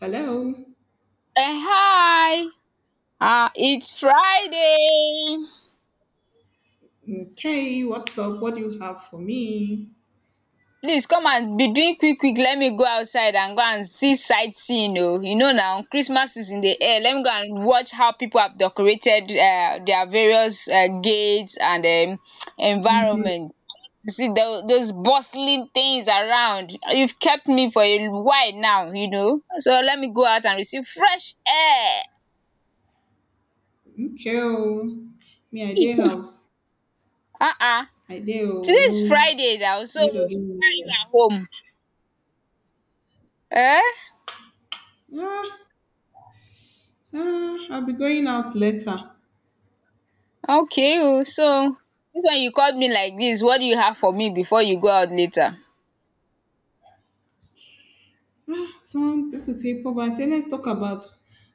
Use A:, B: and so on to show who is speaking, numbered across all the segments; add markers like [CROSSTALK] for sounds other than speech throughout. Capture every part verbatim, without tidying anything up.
A: Hello.
B: um Hi. Ah, it's Friday.
A: Okay, what's up? What do you have for me?
B: Please come and be doing quick quick. Let me go outside and go and see sightseeing o. You know now Christmas is in the air. Let me go and watch how people have decorated um their various um gates and um environment to see tho those bustling things around. You've kept me for a while now, you know so let me go out and receive fresh air.
A: Okay, oh. Me I dey house.
B: um
A: I dey
B: Today
A: oh no,
B: is Friday now,
A: I
B: so
A: no dey go
B: why are you
A: anywhere.
B: at home? Eh?
A: Ah, ah, I'll be going out later.
B: Okay oh, so dis one you call me like dis, what do you have for me before you go out later?
A: Some people say poverty. I say, let's talk about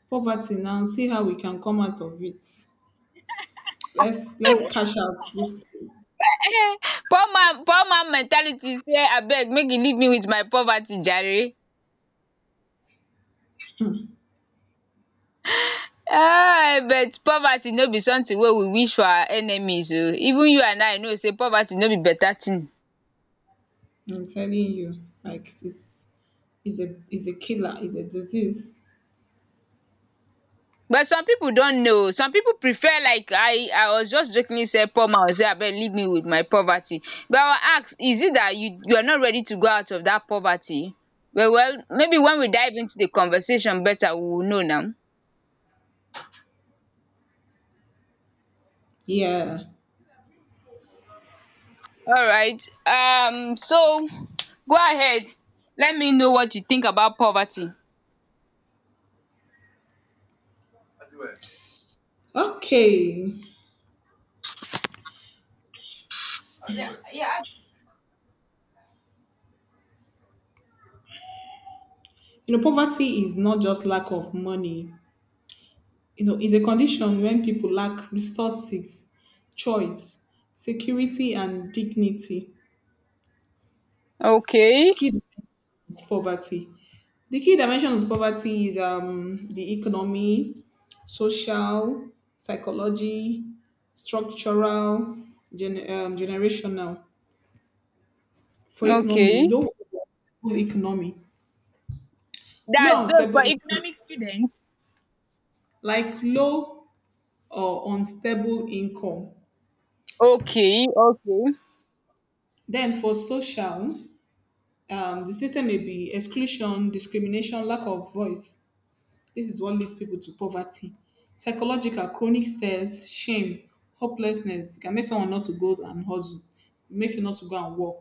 A: poverty now, and see how we can come out of it. Let's let's cash out this place.
B: [LAUGHS] Poor man poor man mentality sey abeg make you leave me wit my poverty jare. Um but poverty no be something wey we wish for our enemies oh, even you and I know sey poverty no be better thing.
A: I'm telling you, like it's is a is a killer, is a disease.
B: But some people don't know. Some people prefer, like, i i was just jokingly say poor man will say abeg leave me with my poverty. But I will ask, is it that you you are not ready to go out of that poverty? Well well, maybe when we dive into the conversation better we will know now.
A: Yeah.
B: All right, um so go ahead. Let me know what you think about poverty.
A: Okay.
B: Yeah. Yeah.
A: You know, poverty is not just lack of money. You know, it's a condition when people lack resources, choice, security, and dignity.
B: Okay
A: Key dimensions of poverty. The key dimensions of poverty is um, the economy, social, psychology, structural, gen- um, generational. For economy,
B: okay.
A: low economy, low
B: That's those
A: unstable
B: for
A: income,
B: economic students.
A: like low or unstable income.
B: Okay okay.
A: Then for social, um, the system may be exclusion, discrimination, lack of voice. This is what leads people to poverty. Psychological, chronic stress, shame, hopelessness. It can make someone not to go and hustle, make you not to go and work.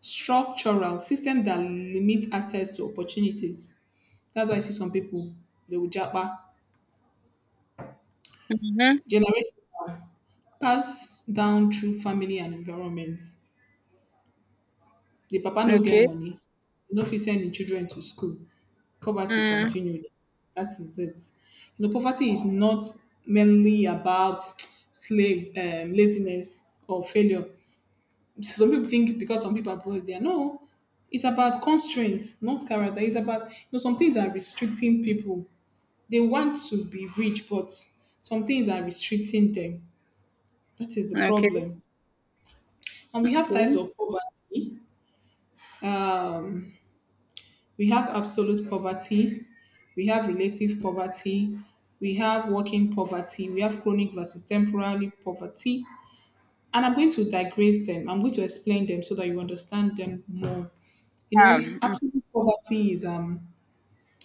A: Structural, system that limit access to opportunities. That's why I see some people, they will japa.
B: Mm-hmm.
A: Generational, passed down through family and environment. The papa no get
B: Okay.
A: money, e no fit send im children to school, poverty
B: Mm.
A: continued. That is it. You know, poverty is not mainly about slave um, laziness or failure. Some people think because some people are poor they are no, it's about constraints not character. It's about, you know, some things are restricting people. They want to be rich, but some things are restricting them. That is the
B: Okay.
A: problem. And we have types
B: Okay.
A: of poverty. um, we have absolute poverty, we have relative poverty, we have working poverty, we have chronic versus temporary poverty. And I'm going to digress them. I'm going to explain them so that you understand them more. You know,
B: Um,
A: absolute poverty is um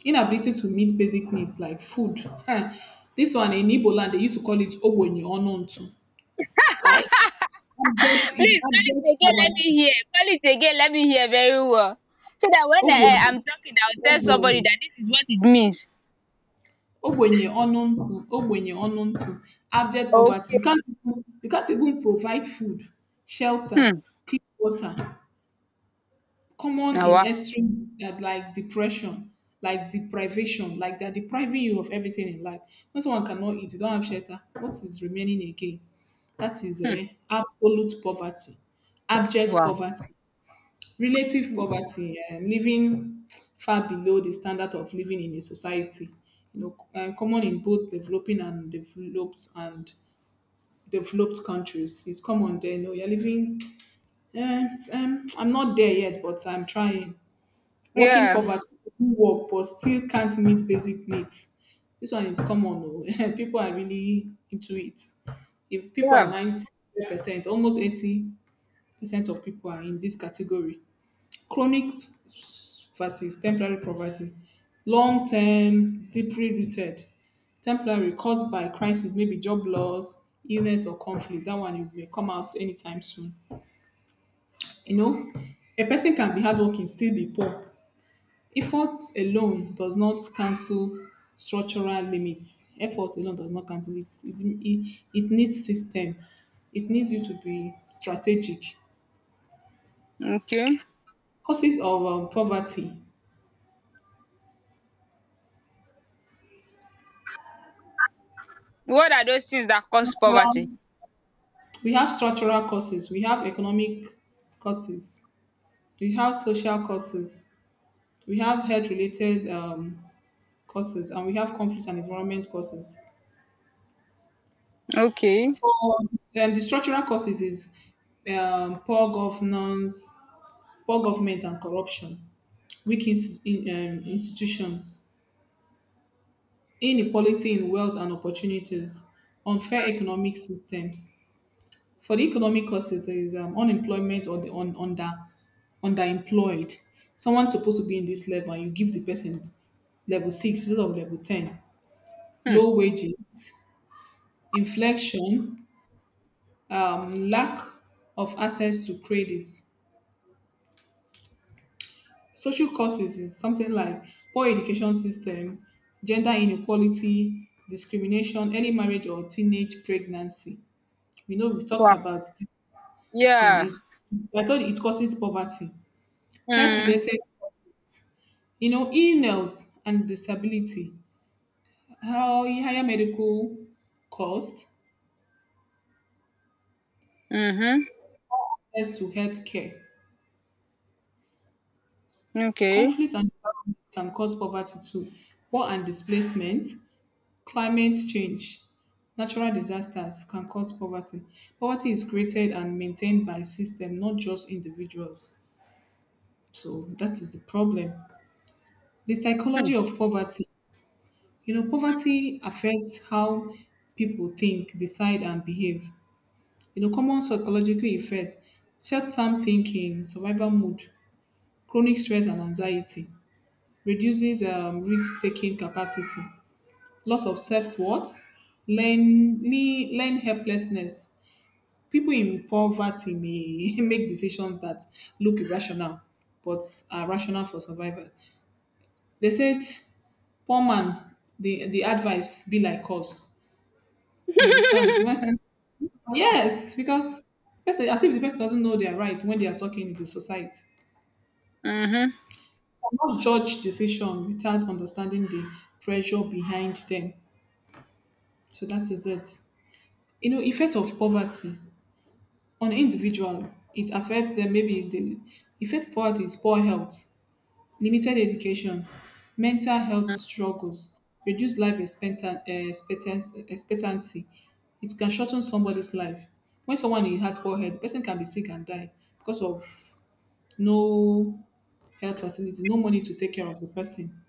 A: inability to meet basic needs like food. Huh. This one in Igbo land they used to call it ogboni onuntu. Like abject, is
B: please
A: abject
B: call it again. Let me
A: poverty.
B: hear. Call it again. Let me hear very well. So that when I,
A: Ogboni,
B: I'm talking, I'll tell
A: ogboni.
B: somebody that this is what it means.
A: Ogbenye ọnụ ntụ, ogbenye ọnụ ntụ. Abject poverty, you
B: Okay.
A: can't even, you can't even provide food, shelter,
B: Hmm.
A: clean water, common
B: Oh,
A: in
B: wow.
A: extreme. That, like depression, like deprivation, like they're depriving you of everything in life. When someone cannot eat, you don't have shelter, what is remaining again? That is
B: Hmm.
A: a absolute poverty, abject
B: Wow.
A: poverty. Relative
B: Hmm.
A: poverty, um, living far below the standard of living in a society, you know, c- uh, common in both developing and developed and developed countries. It's common there. You know, you're living. [TSK] Um, um, I'm not there yet, but I'm trying. Working
B: Yeah.
A: poverty, people who work but still can't meet basic needs. This one is common, oh. [LAUGHS] People are really into it. If people are
B: Yeah.
A: ninety percent, almost eighty percent of people are in this category. Chronic versus temporary poverty. Long term, deeply rooted. Temporary caused by crisis, maybe job loss, illness, or conflict. That one you may come out anytime soon. You know, a person can be hardworking, still be poor. Effort alone does not cancel structural limits. Effort alone does not cancel it. It, it, it needs system. It needs you to be strategic.
B: Okay.
A: Causes of um, poverty.
B: What are those things that cause poverty?
A: We have structural causes, we have economic causes, we have social causes, we have health related um, causes, and we have conflict and environment causes.
B: Okay.
A: For um, the structural causes is um, poor governance, poor government and corruption, weak ins- in, um, institutions, inequality in wealth and opportunities, unfair economic systems. For the economic causes, there is um, unemployment or the un, under underemployed. Someone's supposed to be in this level, and you give the person level six instead of level ten.
B: Hmm.
A: Low wages, inflation, um, lack of access to credits. Social causes is something like poor education system, gender inequality, discrimination, early marriage or teenage pregnancy. We know we've talked
B: Wow.
A: about this thing.
B: Yeah.
A: Is, I thought it causes poverty. Health
B: Hmm.
A: related, you know, illness and disability, how higher medical costs,
B: Mm-hmm.
A: access to health care.
B: Okay.
A: Conflict and environment can cause poverty too, war and displacement, climate change, natural disasters can cause poverty. Poverty is created and maintained by system, not just individuals. So that is the problem. The
B: Hmm.
A: psychology of poverty. You know, poverty affects how people think, decide, and behave. You know, common psychological effects, short-term thinking, survival mode, chronic stress and anxiety, reduces um, risk-taking capacity, loss of self-worth, learn, le- learn helplessness. People in poverty may [LAUGHS] make decisions that look irrational, but are rational for survival. They said, poor man, the, the advice be like us. You understand? [LAUGHS] When, yes, because person, as if the person doesn't know their rights when they are talking to society.
B: Mm-hmm.
A: Cannot judge decision without understanding the pressure behind them. So that is it. You know, effect of poverty on individual, it affects them. Maybe the effect of poverty is poor health, limited education, mental health struggles, reduced life expectan- eh, expectancy. expectancy. It can shorten somebody's life. When someone has poor health, the person can be sick and die because of no health facility, no money to take care of the person.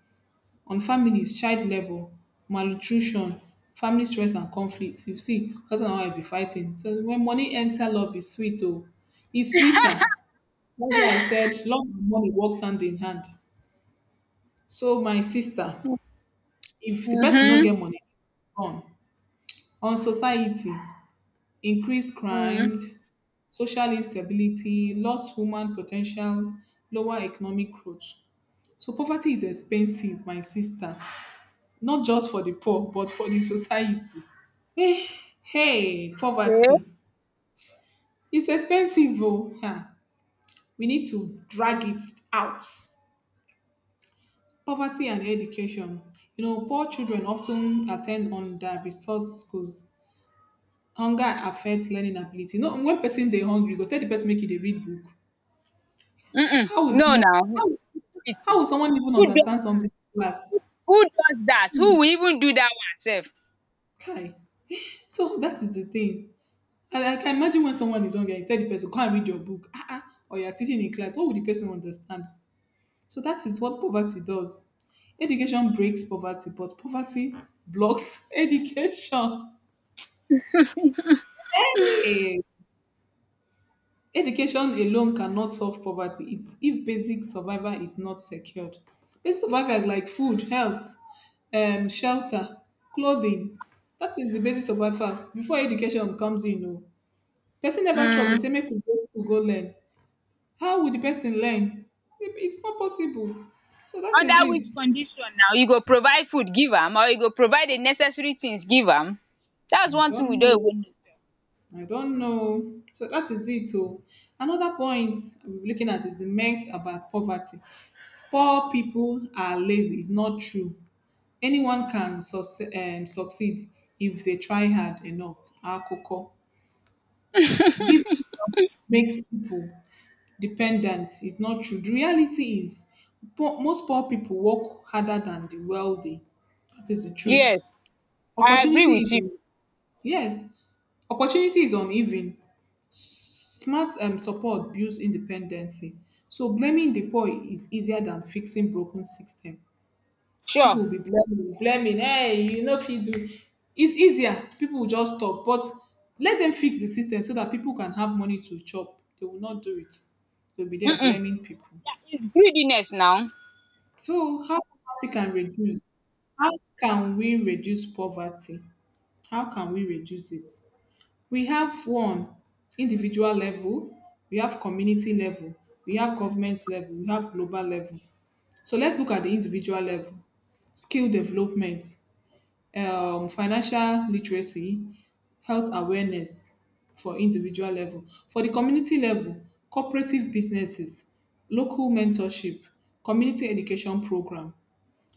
A: On families, child labour, malnutrition, family stress and conflict. You see husband and wife be fighting, so when money enter, love is sweet, oh. It's sweeter. That's why I said love and money works hand in hand. So my sister,
B: Mm-hmm.
A: if the person no
B: Mm-hmm.
A: get money, on on society, increased
B: Mm.
A: crime, social instability, lost human potentials, lower economic growth. So poverty is expensive, my sister, not just for the poor, but for the society. Eh, Hey, poverty.
B: Okay.
A: It's expensive, oh. Huh. We need to drag it out. Poverty and education. You know, poor children often attend under-resourced schools. Hunger affects learning ability. No, when person they hungry, you go tell the person make you dey read book.
B: Mm-mm.
A: How will
B: No,
A: someone
B: now.
A: how will,
B: Please.
A: how will someone even understand something in class?
B: Who does that? Who will even do that one sef?
A: Kai. So that is the thing. And I can imagine when someone is hungry and you tell the person, go and read your book, ah, ah, or you're teaching in class, what would the person understand? So that is what poverty does. Education breaks poverty, but poverty blocks [LAUGHS] education. Hey, education alone cannot solve poverty. It's if basic survival is not secured. Basic survival is like food, health, um, shelter, clothing. That is the basic survival. Before education comes in, no. Person never chop, he
B: Mm.
A: say make we go school go learn. How would the person learn? It- It's not possible. So that
B: Under
A: is it.
B: which condition now? You go provide food give am or you go provide the necessary things give am? That's
A: I
B: one thing we
A: don't
B: don
A: know.
B: even need sef.
A: I don't know. So that is it. Oh. Another point we're looking at is the myth about poverty. Poor people are lazy. It's not true. Anyone can succe- um, succeed if they try hard enough. Akoko. Give makes people dependent is not true. The reality is, po- most poor people work harder than the wealthy. That is the truth.
B: Yes, I agree
A: Opportunity
B: with
A: is
B: you.
A: yes, opportunity is uneven. Smart um, support builds independency. So blaming the poor is easier than fixing broken system. People
B: Sure.
A: will be blaming, blaming. Hey, you know if you do, it's easier. People will just talk, but let them fix the system so that people can have money to chop. They will not do it. They'll be there
B: Mm-mm.
A: blaming people.
B: That is greediness now.
A: So how poverty can reduce? How can we reduce poverty? How can we reduce it? We have one, individual level, we have community level, we have government level, we have global level. So let's look at the individual level. Skill development, um, financial literacy, health awareness for individual level. For the community level, cooperative businesses, local mentorship, community education program.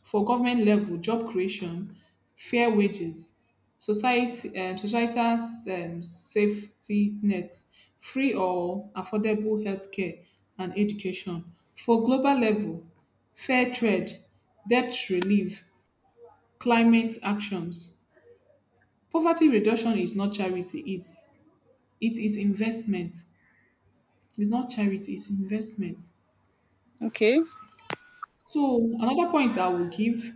A: For government level, job creation, fair wages, society um, societal um, safety nets, free or affordable healthcare and education. For global level, fair trade, debt relief, climate actions. Poverty reduction is not charity, it's, it is investment. It's not charity, it's investment.
B: Okay.
A: So another point I will give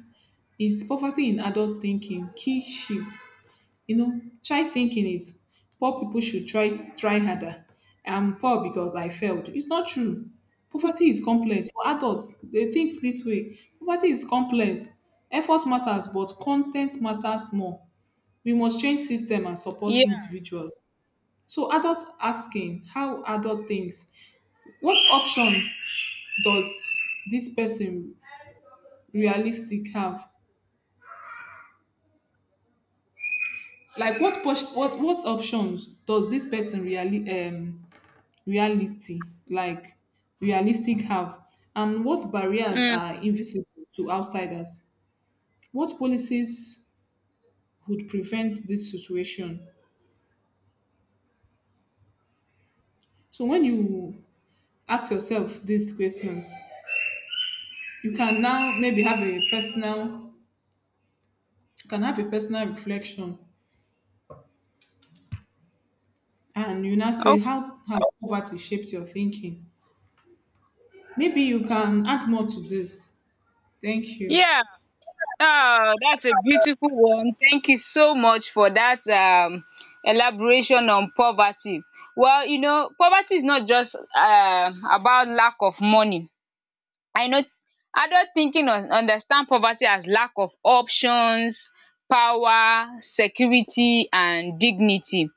A: is poverty in adult thinking, key shifts. You know, child thinking is poor people should try try harder. I'm poor because I failed. It's not true. Poverty is complex. For adults, they think this way. Poverty is complex. Effort matters, but content matters more. We must change system and support
B: Yeah.
A: individuals. So adults asking how adult thinks, what option does this person realistic have, like what pos- what what options does this person really um reality like realistic have, and what barriers
B: Mm.
A: are invisible to outsiders, what policies would prevent this situation. So when you ask yourself these questions, you can now maybe have a personal you can have a personal reflection, and you now say
B: Oh,
A: how has poverty shaped your thinking. Maybe you can add more to this. Thank you.
B: yeah. Oh, that's a beautiful one. Thank you so much for that um elaboration on poverty. Well, you know, poverty is not just uh about lack of money. I know adult thinking un understand poverty as lack of options, power, security and dignity,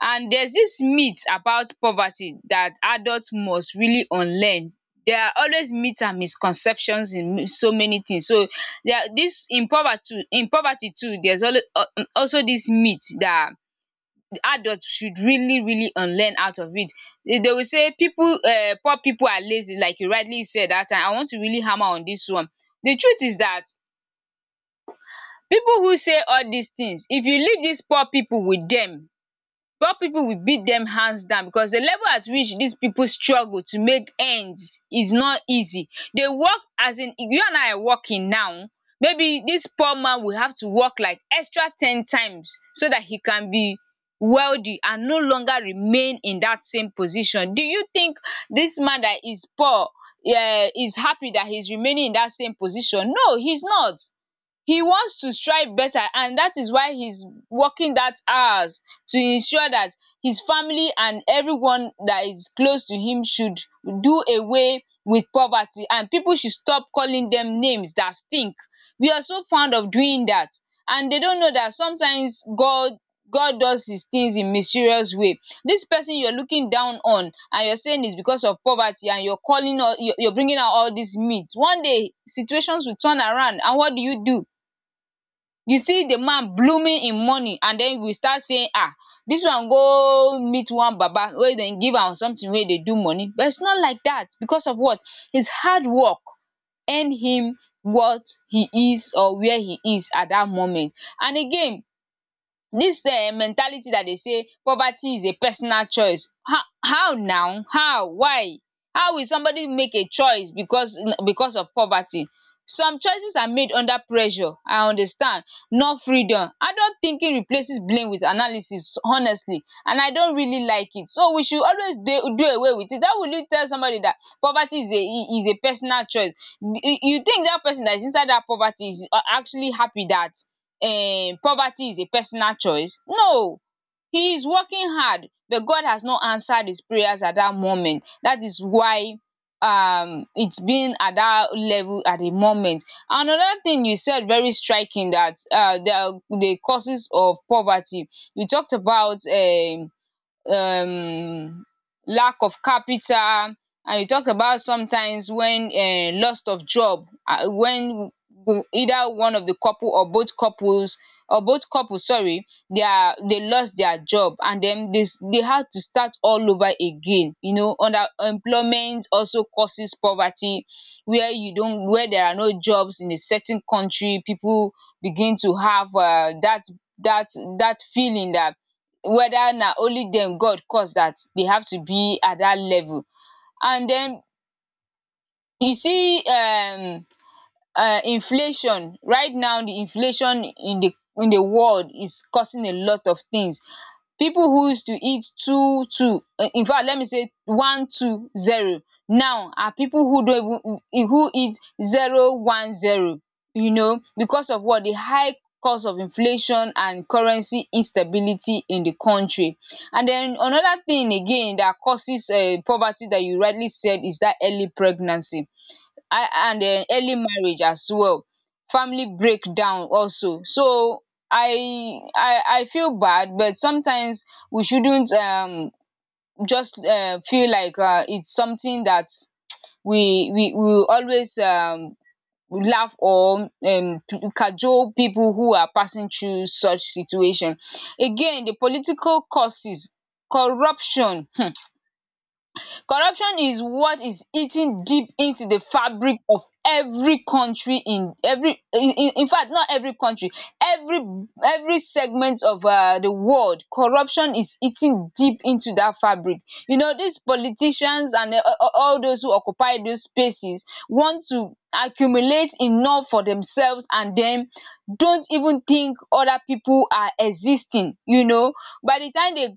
B: and there's this myth about poverty that adult must really unlearn. There are always myth and misconceptions in so many things, so there are this in poverty in poverty too. There's always also this myth that adults should really really um learn out of it. They will say people, um poor people are lazy, like you rightly said that time. I want to really hammer on this one. The truth is that people who say all these things, if you leave these poor people with dem, poor people will beat them hands down, because the level at which these people struggle to make ends is not easy. They work as in you and I are working now. Maybe this poor man will have to work like extra ten times so that he can be wealthy and no longer remain in that same position. Do you think this man that is poor um is happy that he's remaining in that same position? No, he's not. He wants to strive better, and that is why he's working that hours to ensure that his family and everyone that is close to him should do away with poverty, and people should stop calling them names that stink. We are so fond of doing that, and they don't know that sometimes god, god does his things in mysterious way. This person you're looking down on and you're saying it's because of poverty, and you're calling all, you're you're bringing out all these myths. One day situations will turn around, and what do you do? You see the man blooming im money, and den we start saying, um dis one go meet one baba wey dem give am something wey dey do money. But it's not like dat. Because of what? His hard work earn him what he is or where he is at dat moment. And again, dis um mentality dat dey say poverty is a personal choice, how how now? How? Why? How will somebody make a choice because because of poverty? Some choices are made under pressure, I understand, not freedom. Adult thinking replaces blame with analysis honestly, and I don't really like it. So we should always dey do away with it. How will you tell somebody dat poverty is a is a personal choice? You think dat person dat is inside dat poverty is, uh, actually happy dat, um, poverty is a personal choice? No, he is working hard, but God has not answered his prayers at that moment. That is why um it's been at that level at the moment. Another thing you said very striking, that uh the the causes of poverty. You talked about um um lack of capital, and you talk about sometimes when um loss of job, um when w- either one of the couple or both couples or both couples, sorry, they are they lost their job, and then this they had to start all over again. You know underemployment also causes poverty, where you don't, where there are no jobs in a certain country, people begin to have um that that that feeling that whether na only them God cause that they have to be at that level. And then you see, um um inflation right now. The inflation in the in the world is causing a lot of things. People who used to eat two two, uh, in fact let me say one two zero, now are people who don't even, who eat zero one zero. You know, because of what? The high cost of inflation and currency instability in the country. And then another thing again that causes um poverty that you rightly said is that early pregnancy, I and um early marriage as well, family breakdown also. So i i i feel bad, but sometimes we shouldn't um just um feel like uh it's something that we we we will always um laugh or um cajole people who are passing through such situation. Again, the political causes, corruption. [LAUGHS] Corruption is what is eating deep into the fabric of every country, in every in in in fact not every country, every every segment of um the world. Corruption is eating deep into that fabric. You know these politicians and, uh, uh, all those who occupy those spaces want to accumulate enough for themselves, and then don't even think other people are existing. You know, by the time they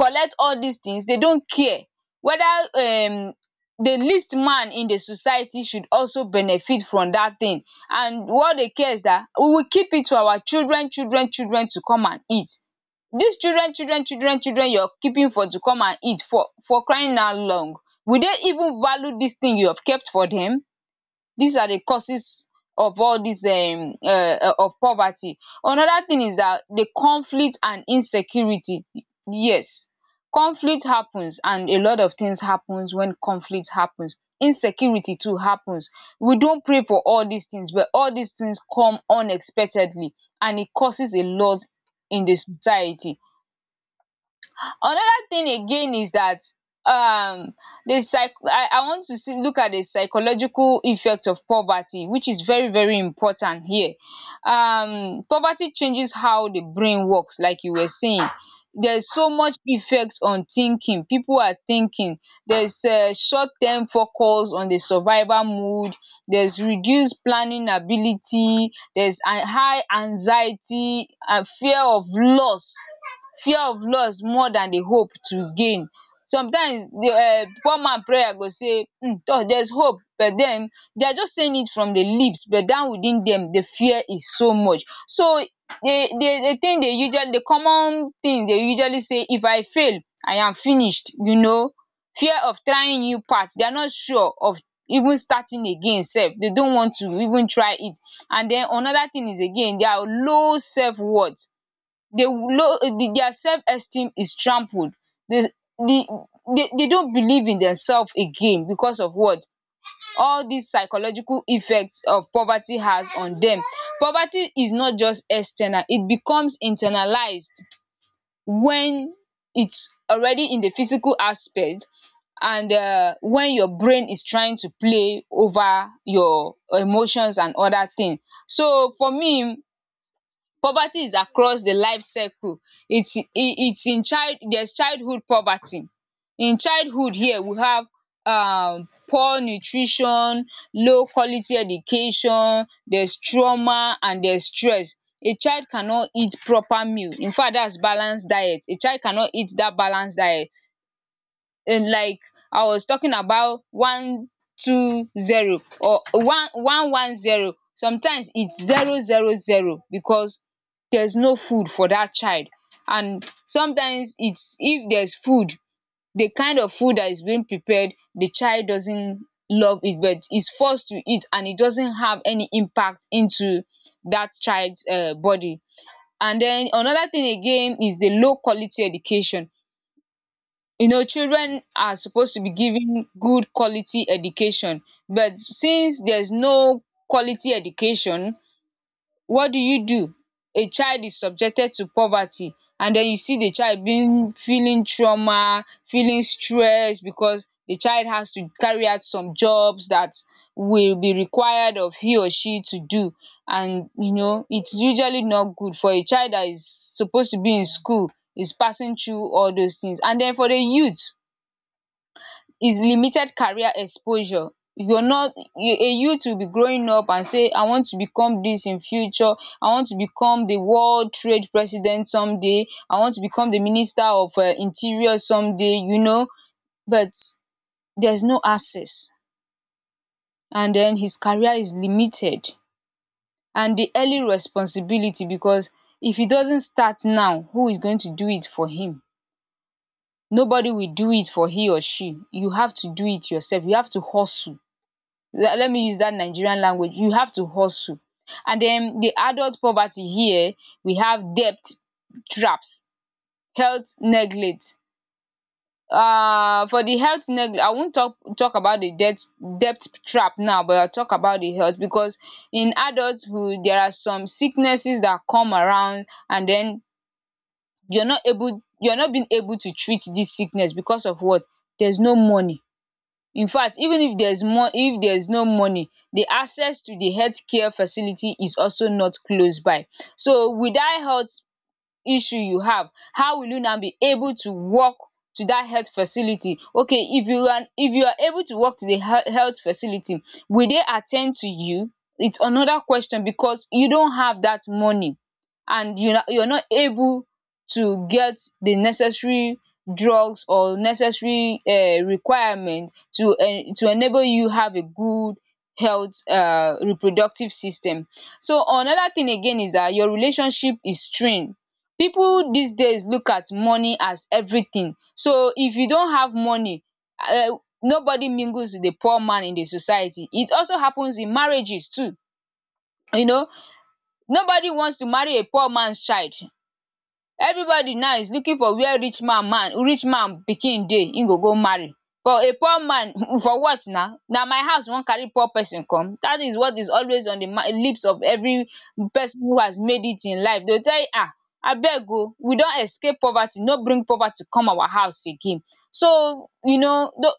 B: collect all dis things, dey don't care whether, um the least man in the society should also benefit from dat thing. And what dey care is dat we will keep it to our children children children to come and eat. Dis children children children children you're keeping for to come and eat for for crying out loud, will dey even value dis thing you have kept for dem? These are the causes of all these um um of poverty. Another thing is that the conflict and insecurity. Yes, conflict happens, and a lot of things happens when conflict happens. Insecurity too happens. We don't pray for all these things, but all these things come unexpectedly, and it causes a lot in the society. Another thing again is that, um the psych I I want to see look at the psychological effect of poverty, which is very very important here. Um poverty changes how the brain works, like you were saying. There's so much effect on thinking. People are thinking. There's um short term focus on the survival mood. There's reduced planning ability. There's a high anxiety and fear of loss, fear of loss more than the hope to gain. Sometimes the um poor man prayer go say, um toor there's hope, but then they are just saying it from the lips, but down within them, the fear is so much. So the the the thing they usually, the common thing they usually say, if I fail I am finished, you know. Fear of trying new path they are not sure of, even starting again. Self, they don't want to even try it. And then another thing is again, they are low self worth. They low, their self-esteem is trampled. They, the, they they don't believe in themselves again, because of what? All these psychological effects of poverty has on them. Poverty is not just external, it becomes internalized when it's already in the physical aspect, and uh, when your brain is trying to play over your emotions and other things. So for me, poverty is across the life cycle. It's it, it's in child, there's childhood poverty. In childhood here we have um poor nutrition, low quality education, there's trauma and there's stress. A child cannot eat proper meal. In fact that's balance diet. A child cannot eat dat balance diet um like I was talking about one two zero or one one one zero, sometimes its zero zero zero because there's no food for that child. And sometimes its if there's food, the kind of food that is being prepared the child doesn't love it but is forced to eat, and it doesn't have any impact into that child's um body. And then another thing again is the low quality education. You know, children are supposed to be given good quality education, but since there's no quality education, what do you do? A child is subjected to poverty. And then you see the child being feeling trauma, feeling stress, because the child has to carry out some jobs that will be required of he or she to do. And you know it's usually not good for a child that is supposed to be in school is passing through all those things. And then for the youth is limited career exposure. You're not you- a youth will be growing up and say I want to become this in future. I want to become the world trade president someday, I want to become the minister of uh, interior someday, you know. But there's no access, and then his career is limited. And the early responsibility, because if he doesn't start now, who is going to do it for him? Nobody will do it for he or she. You have to do it yourself, you have to hustle. Let, let me use that Nigerian language, you have to hustle. And then the adult poverty here, we have debt traps, health neglect. Uh, for the health neglect, I won't talk talk about the debt debt trap now, but I'll talk about the health, because in adulthood there are some sicknesses that come around, and then you're not able, you're not being able to treat this sickness because of what? There's no money. In fact, even if there is more, if there is no money, the access to the healthcare facility is also not close by. So without health issue you have, how will you now be able to walk to that health facility? Okay, if you are, if you are able to walk to the he- health facility, will they attend to you? It's another question, because you don't have that money. And you you're not able to get the necessary drugs or necessary um requirement to en to enable you have a good health um reproductive system. So another thing again is that your relationship is strained. People these days look at money as everything, so if you don't have money, um nobody mingles with the poor man in the society. It also happens in marriages too, you know. Nobody wants to marry a poor man's child. Everybody now is looking for where rich man man rich man pikin dey im go go marry. But a poor man [LAUGHS] for what, na na my house you wan carry poor person come. That is what is always on the lips of every person who has made it in life. They go tell you, ah, abeg o, we don escape poverty, no bring poverty come our house again. So you know the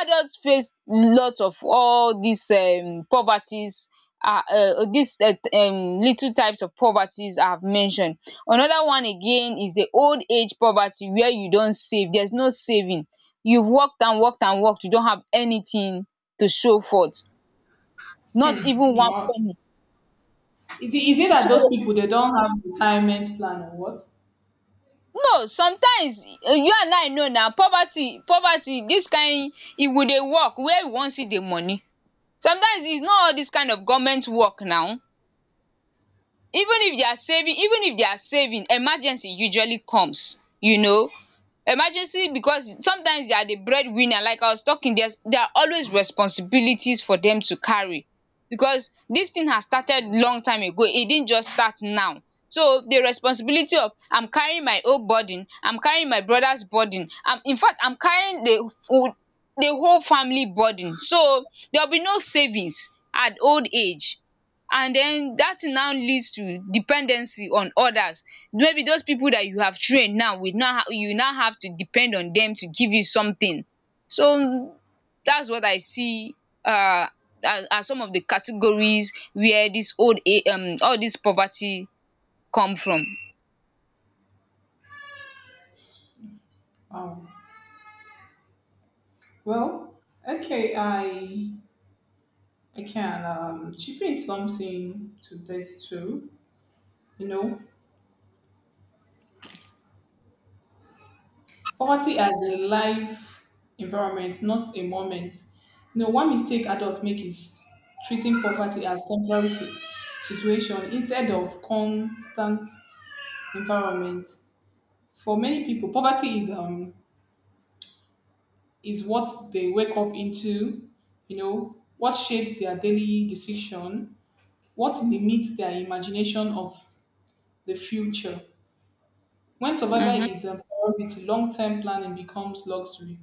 B: adults face lot of all these um poverties, ah um these uh, um little types of poverties I have mentioned. Another one again is the old age poverty where you don save, there's no saving. You've worked and worked and worked, you don't have anything to show for it. Not even one
A: Wow.
B: penny.
A: Is it is it that
B: So,
A: those people they don't have retirement plan or what?
B: no, sometimes uh, you and I know na poverty poverty dis kind. If we dey work, where we wan see the money? Sometimes it's not all dis kind of government work now. Even if they are saving even if they are saving, emergency usually comes, you know. Emergency, because sometimes they are the breadwinner. Like I was talking, there's there are always responsibilities for them to carry, because this thing has started long time ago, it didn't just start now. So the responsibility of, I'm carrying my own burden, I'm carrying my brother's burden, I'm in fact I'm carrying the full- the whole family burden. So there will be no savings at old age. And then that thing now leads to dependency on others. Maybe those people that you have trained now will now ha- you now have to depend on them to give you something. So that's what I see um as as some of the categories where this old age um all this poverty come from.
A: Um, well, okay, I I can um chip in something to this too. You know, poverty as a life environment, not a moment. You know, one mistake adults make is treating poverty as temporary si- situation instead of constant environment. For many people, poverty is um is what they wake up into, you know, what shapes their daily decision, what limits their imagination of the future. When survival
B: um
A: is a priority, long term planning becomes luxury.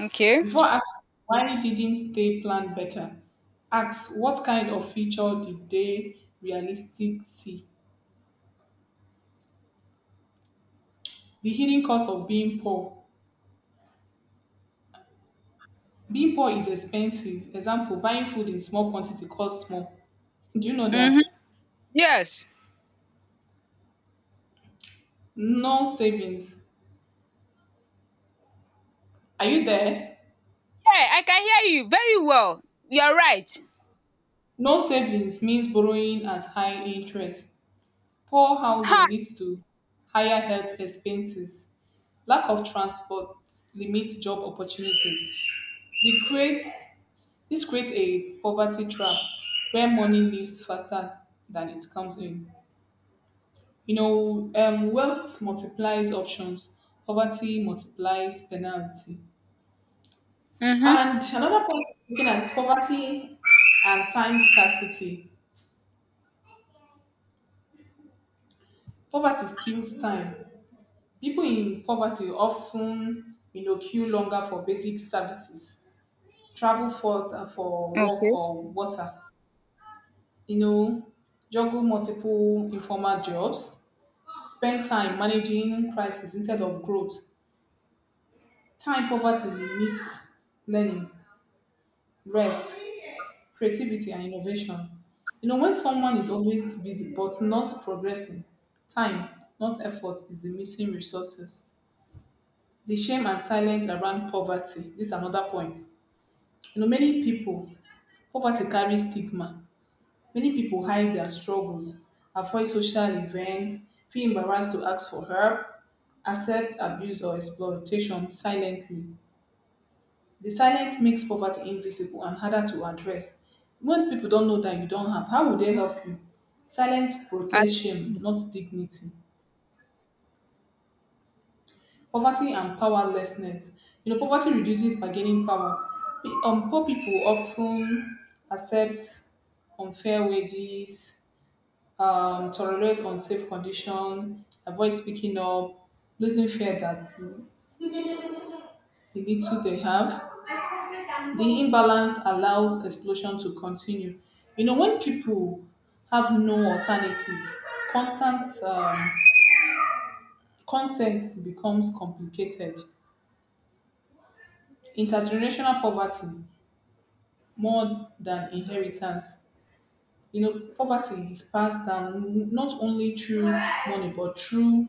B: okay.
A: Before asking why didn't they plan better, ask what kind of future did they realistically see? The hidden cost of being poor. Being poor is expensive. Example, buying food in small quantity costs more. Do you know that?
B: um yes.
A: No savings. Are you there?
B: Yeah, I can hear you very well, you're right.
A: No savings means borrowing at high interest. Poor housing leads to higher health expenses. Lack of transport limits job opportunities. This creates, this creates a poverty trap where money leaves faster than it comes in. You know, um, wealth multiplies options, poverty multiplies penalty.
B: um um
A: And another point looking at is poverty and time scarcity. Poverty steals time. People in poverty often, you know, queue longer for basic services, travel further for work
B: okay.
A: or water, you know, juggle multiple informal jobs, spend time managing crisis instead of growth. Time poverty limits learning, rest, creativity and innovation. You know, when someone is always busy but not progressing, time, not effort, is the missing resources. The shame and silence around poverty, this is another point. You know, many people, poverty carries stigma. Many people hide their struggles, avoid social events, feel embarrassed to ask for help, accept abuse or exploitation silently. The silence makes poverty invisible and harder to address. When people don't know that you don't have, how will they help you? Silence protects
B: I-
A: shame, not dignity. Poverty and powerlessness. You know, poverty reduces bargaining power. Pe- um, poor people often accept unfair wages, um, tolerate unsafe conditions, avoid speaking up, losing fear that the little they have, the imbalance allows explosion to continue. You know, when people have no alternative, constant um, consent becomes complicated. Intergenerational poverty, more than inheritance. You know, poverty is passed down not only through money, but through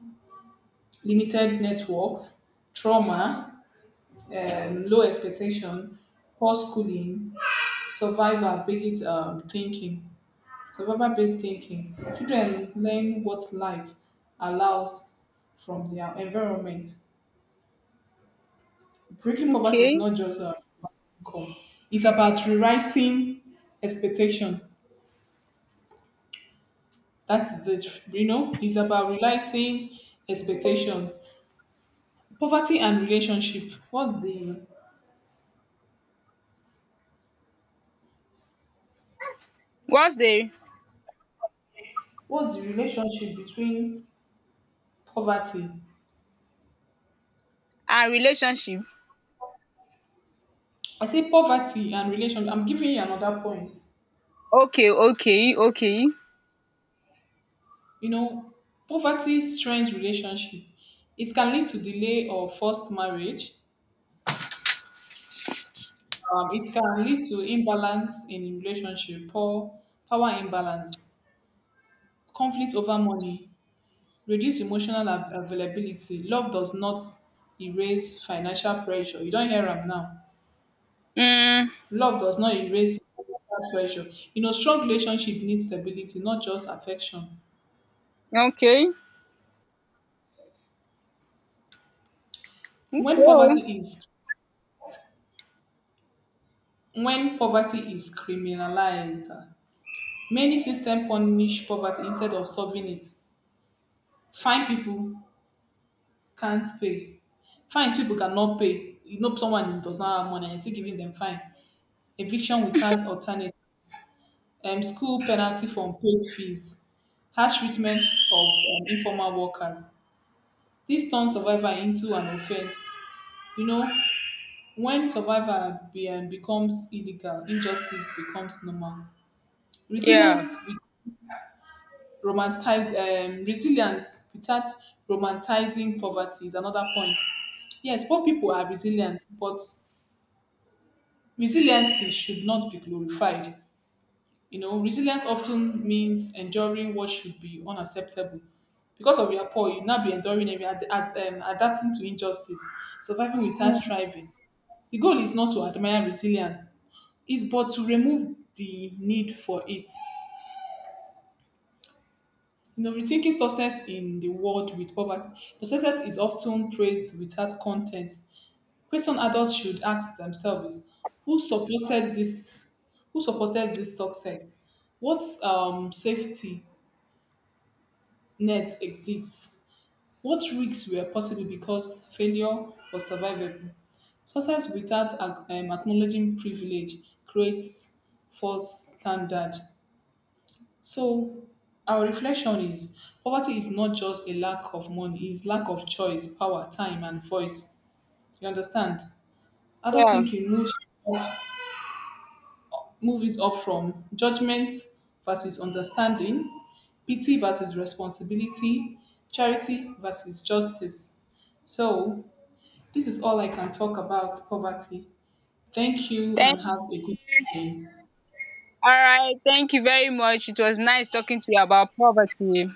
A: limited networks, trauma, um, low expectation, poor schooling, survivor based um, thinking. Survivor based thinking. Children learn what life allows from their environment. Breaking poverty is
B: okay.
A: not just uh, about income, it's about rewriting expectation. That is it. You know, it's about relating expectation, poverty, and relationship. What's the
B: What's the,
A: what's the relationship between poverty?
B: and relationship.
A: I say poverty and relation. I'm giving you another point.
B: Okay, okay, okay.
A: You know, poverty strains relationship. It can lead to delay or forced marriage. Um, it can lead to imbalance in relationship, poor power imbalance, conflict over money, reduce emotional ab- availability. Love does not erase financial pressure. You don't hear am now.
B: Mm,
A: Love does not erase financial pressure. You know, strong relationship needs stability, not just affection.
B: okay. Okay.
A: when
B: Yeah.
A: poverty is when poverty is criminalized, many systems punish poverty instead of solving it. Fine people can't pay, fines people cannot pay. You know, someone does not have money and you still giving them fine, eviction without alternative, um, school penalty for unpaid fees, harsh treatment of um, informal workers. This turns survivor into an offense. You know, when survivor be, um, becomes illegal, injustice becomes normal. Resilience with romantize um, resilience without romanticizing poverty is another point. Yes, poor people are resilient, but resiliency should not be glorified. You know, resilience often means enduring what should be unacceptable. Because of your poor, you now be enduring and ad- as um, adapting to injustice, surviving without
B: Mm,
A: striving. The goal is not to admire resilience, it's but to remove the need for it. You know, rethinking success in the world with poverty. The success is often praised without content. Question adults should ask themselves: Who supported this? Who supported this success? What um, safety net exists. What risks were possible because failure was survivable? Success without ac- um, acknowledging privilege creates false standard. So our reflection is poverty is not just a lack of money, it's lack of choice, power, time, and voice. You understand? I don't
B: yeah.
A: think you know. Movies up from judgment versus understanding, pity versus responsibility, charity versus justice. So, this is all I can talk about poverty. Thank you
B: Thank
A: and
B: you.
A: have a good day.
B: All right, thank you very much. It was nice talking to you about poverty.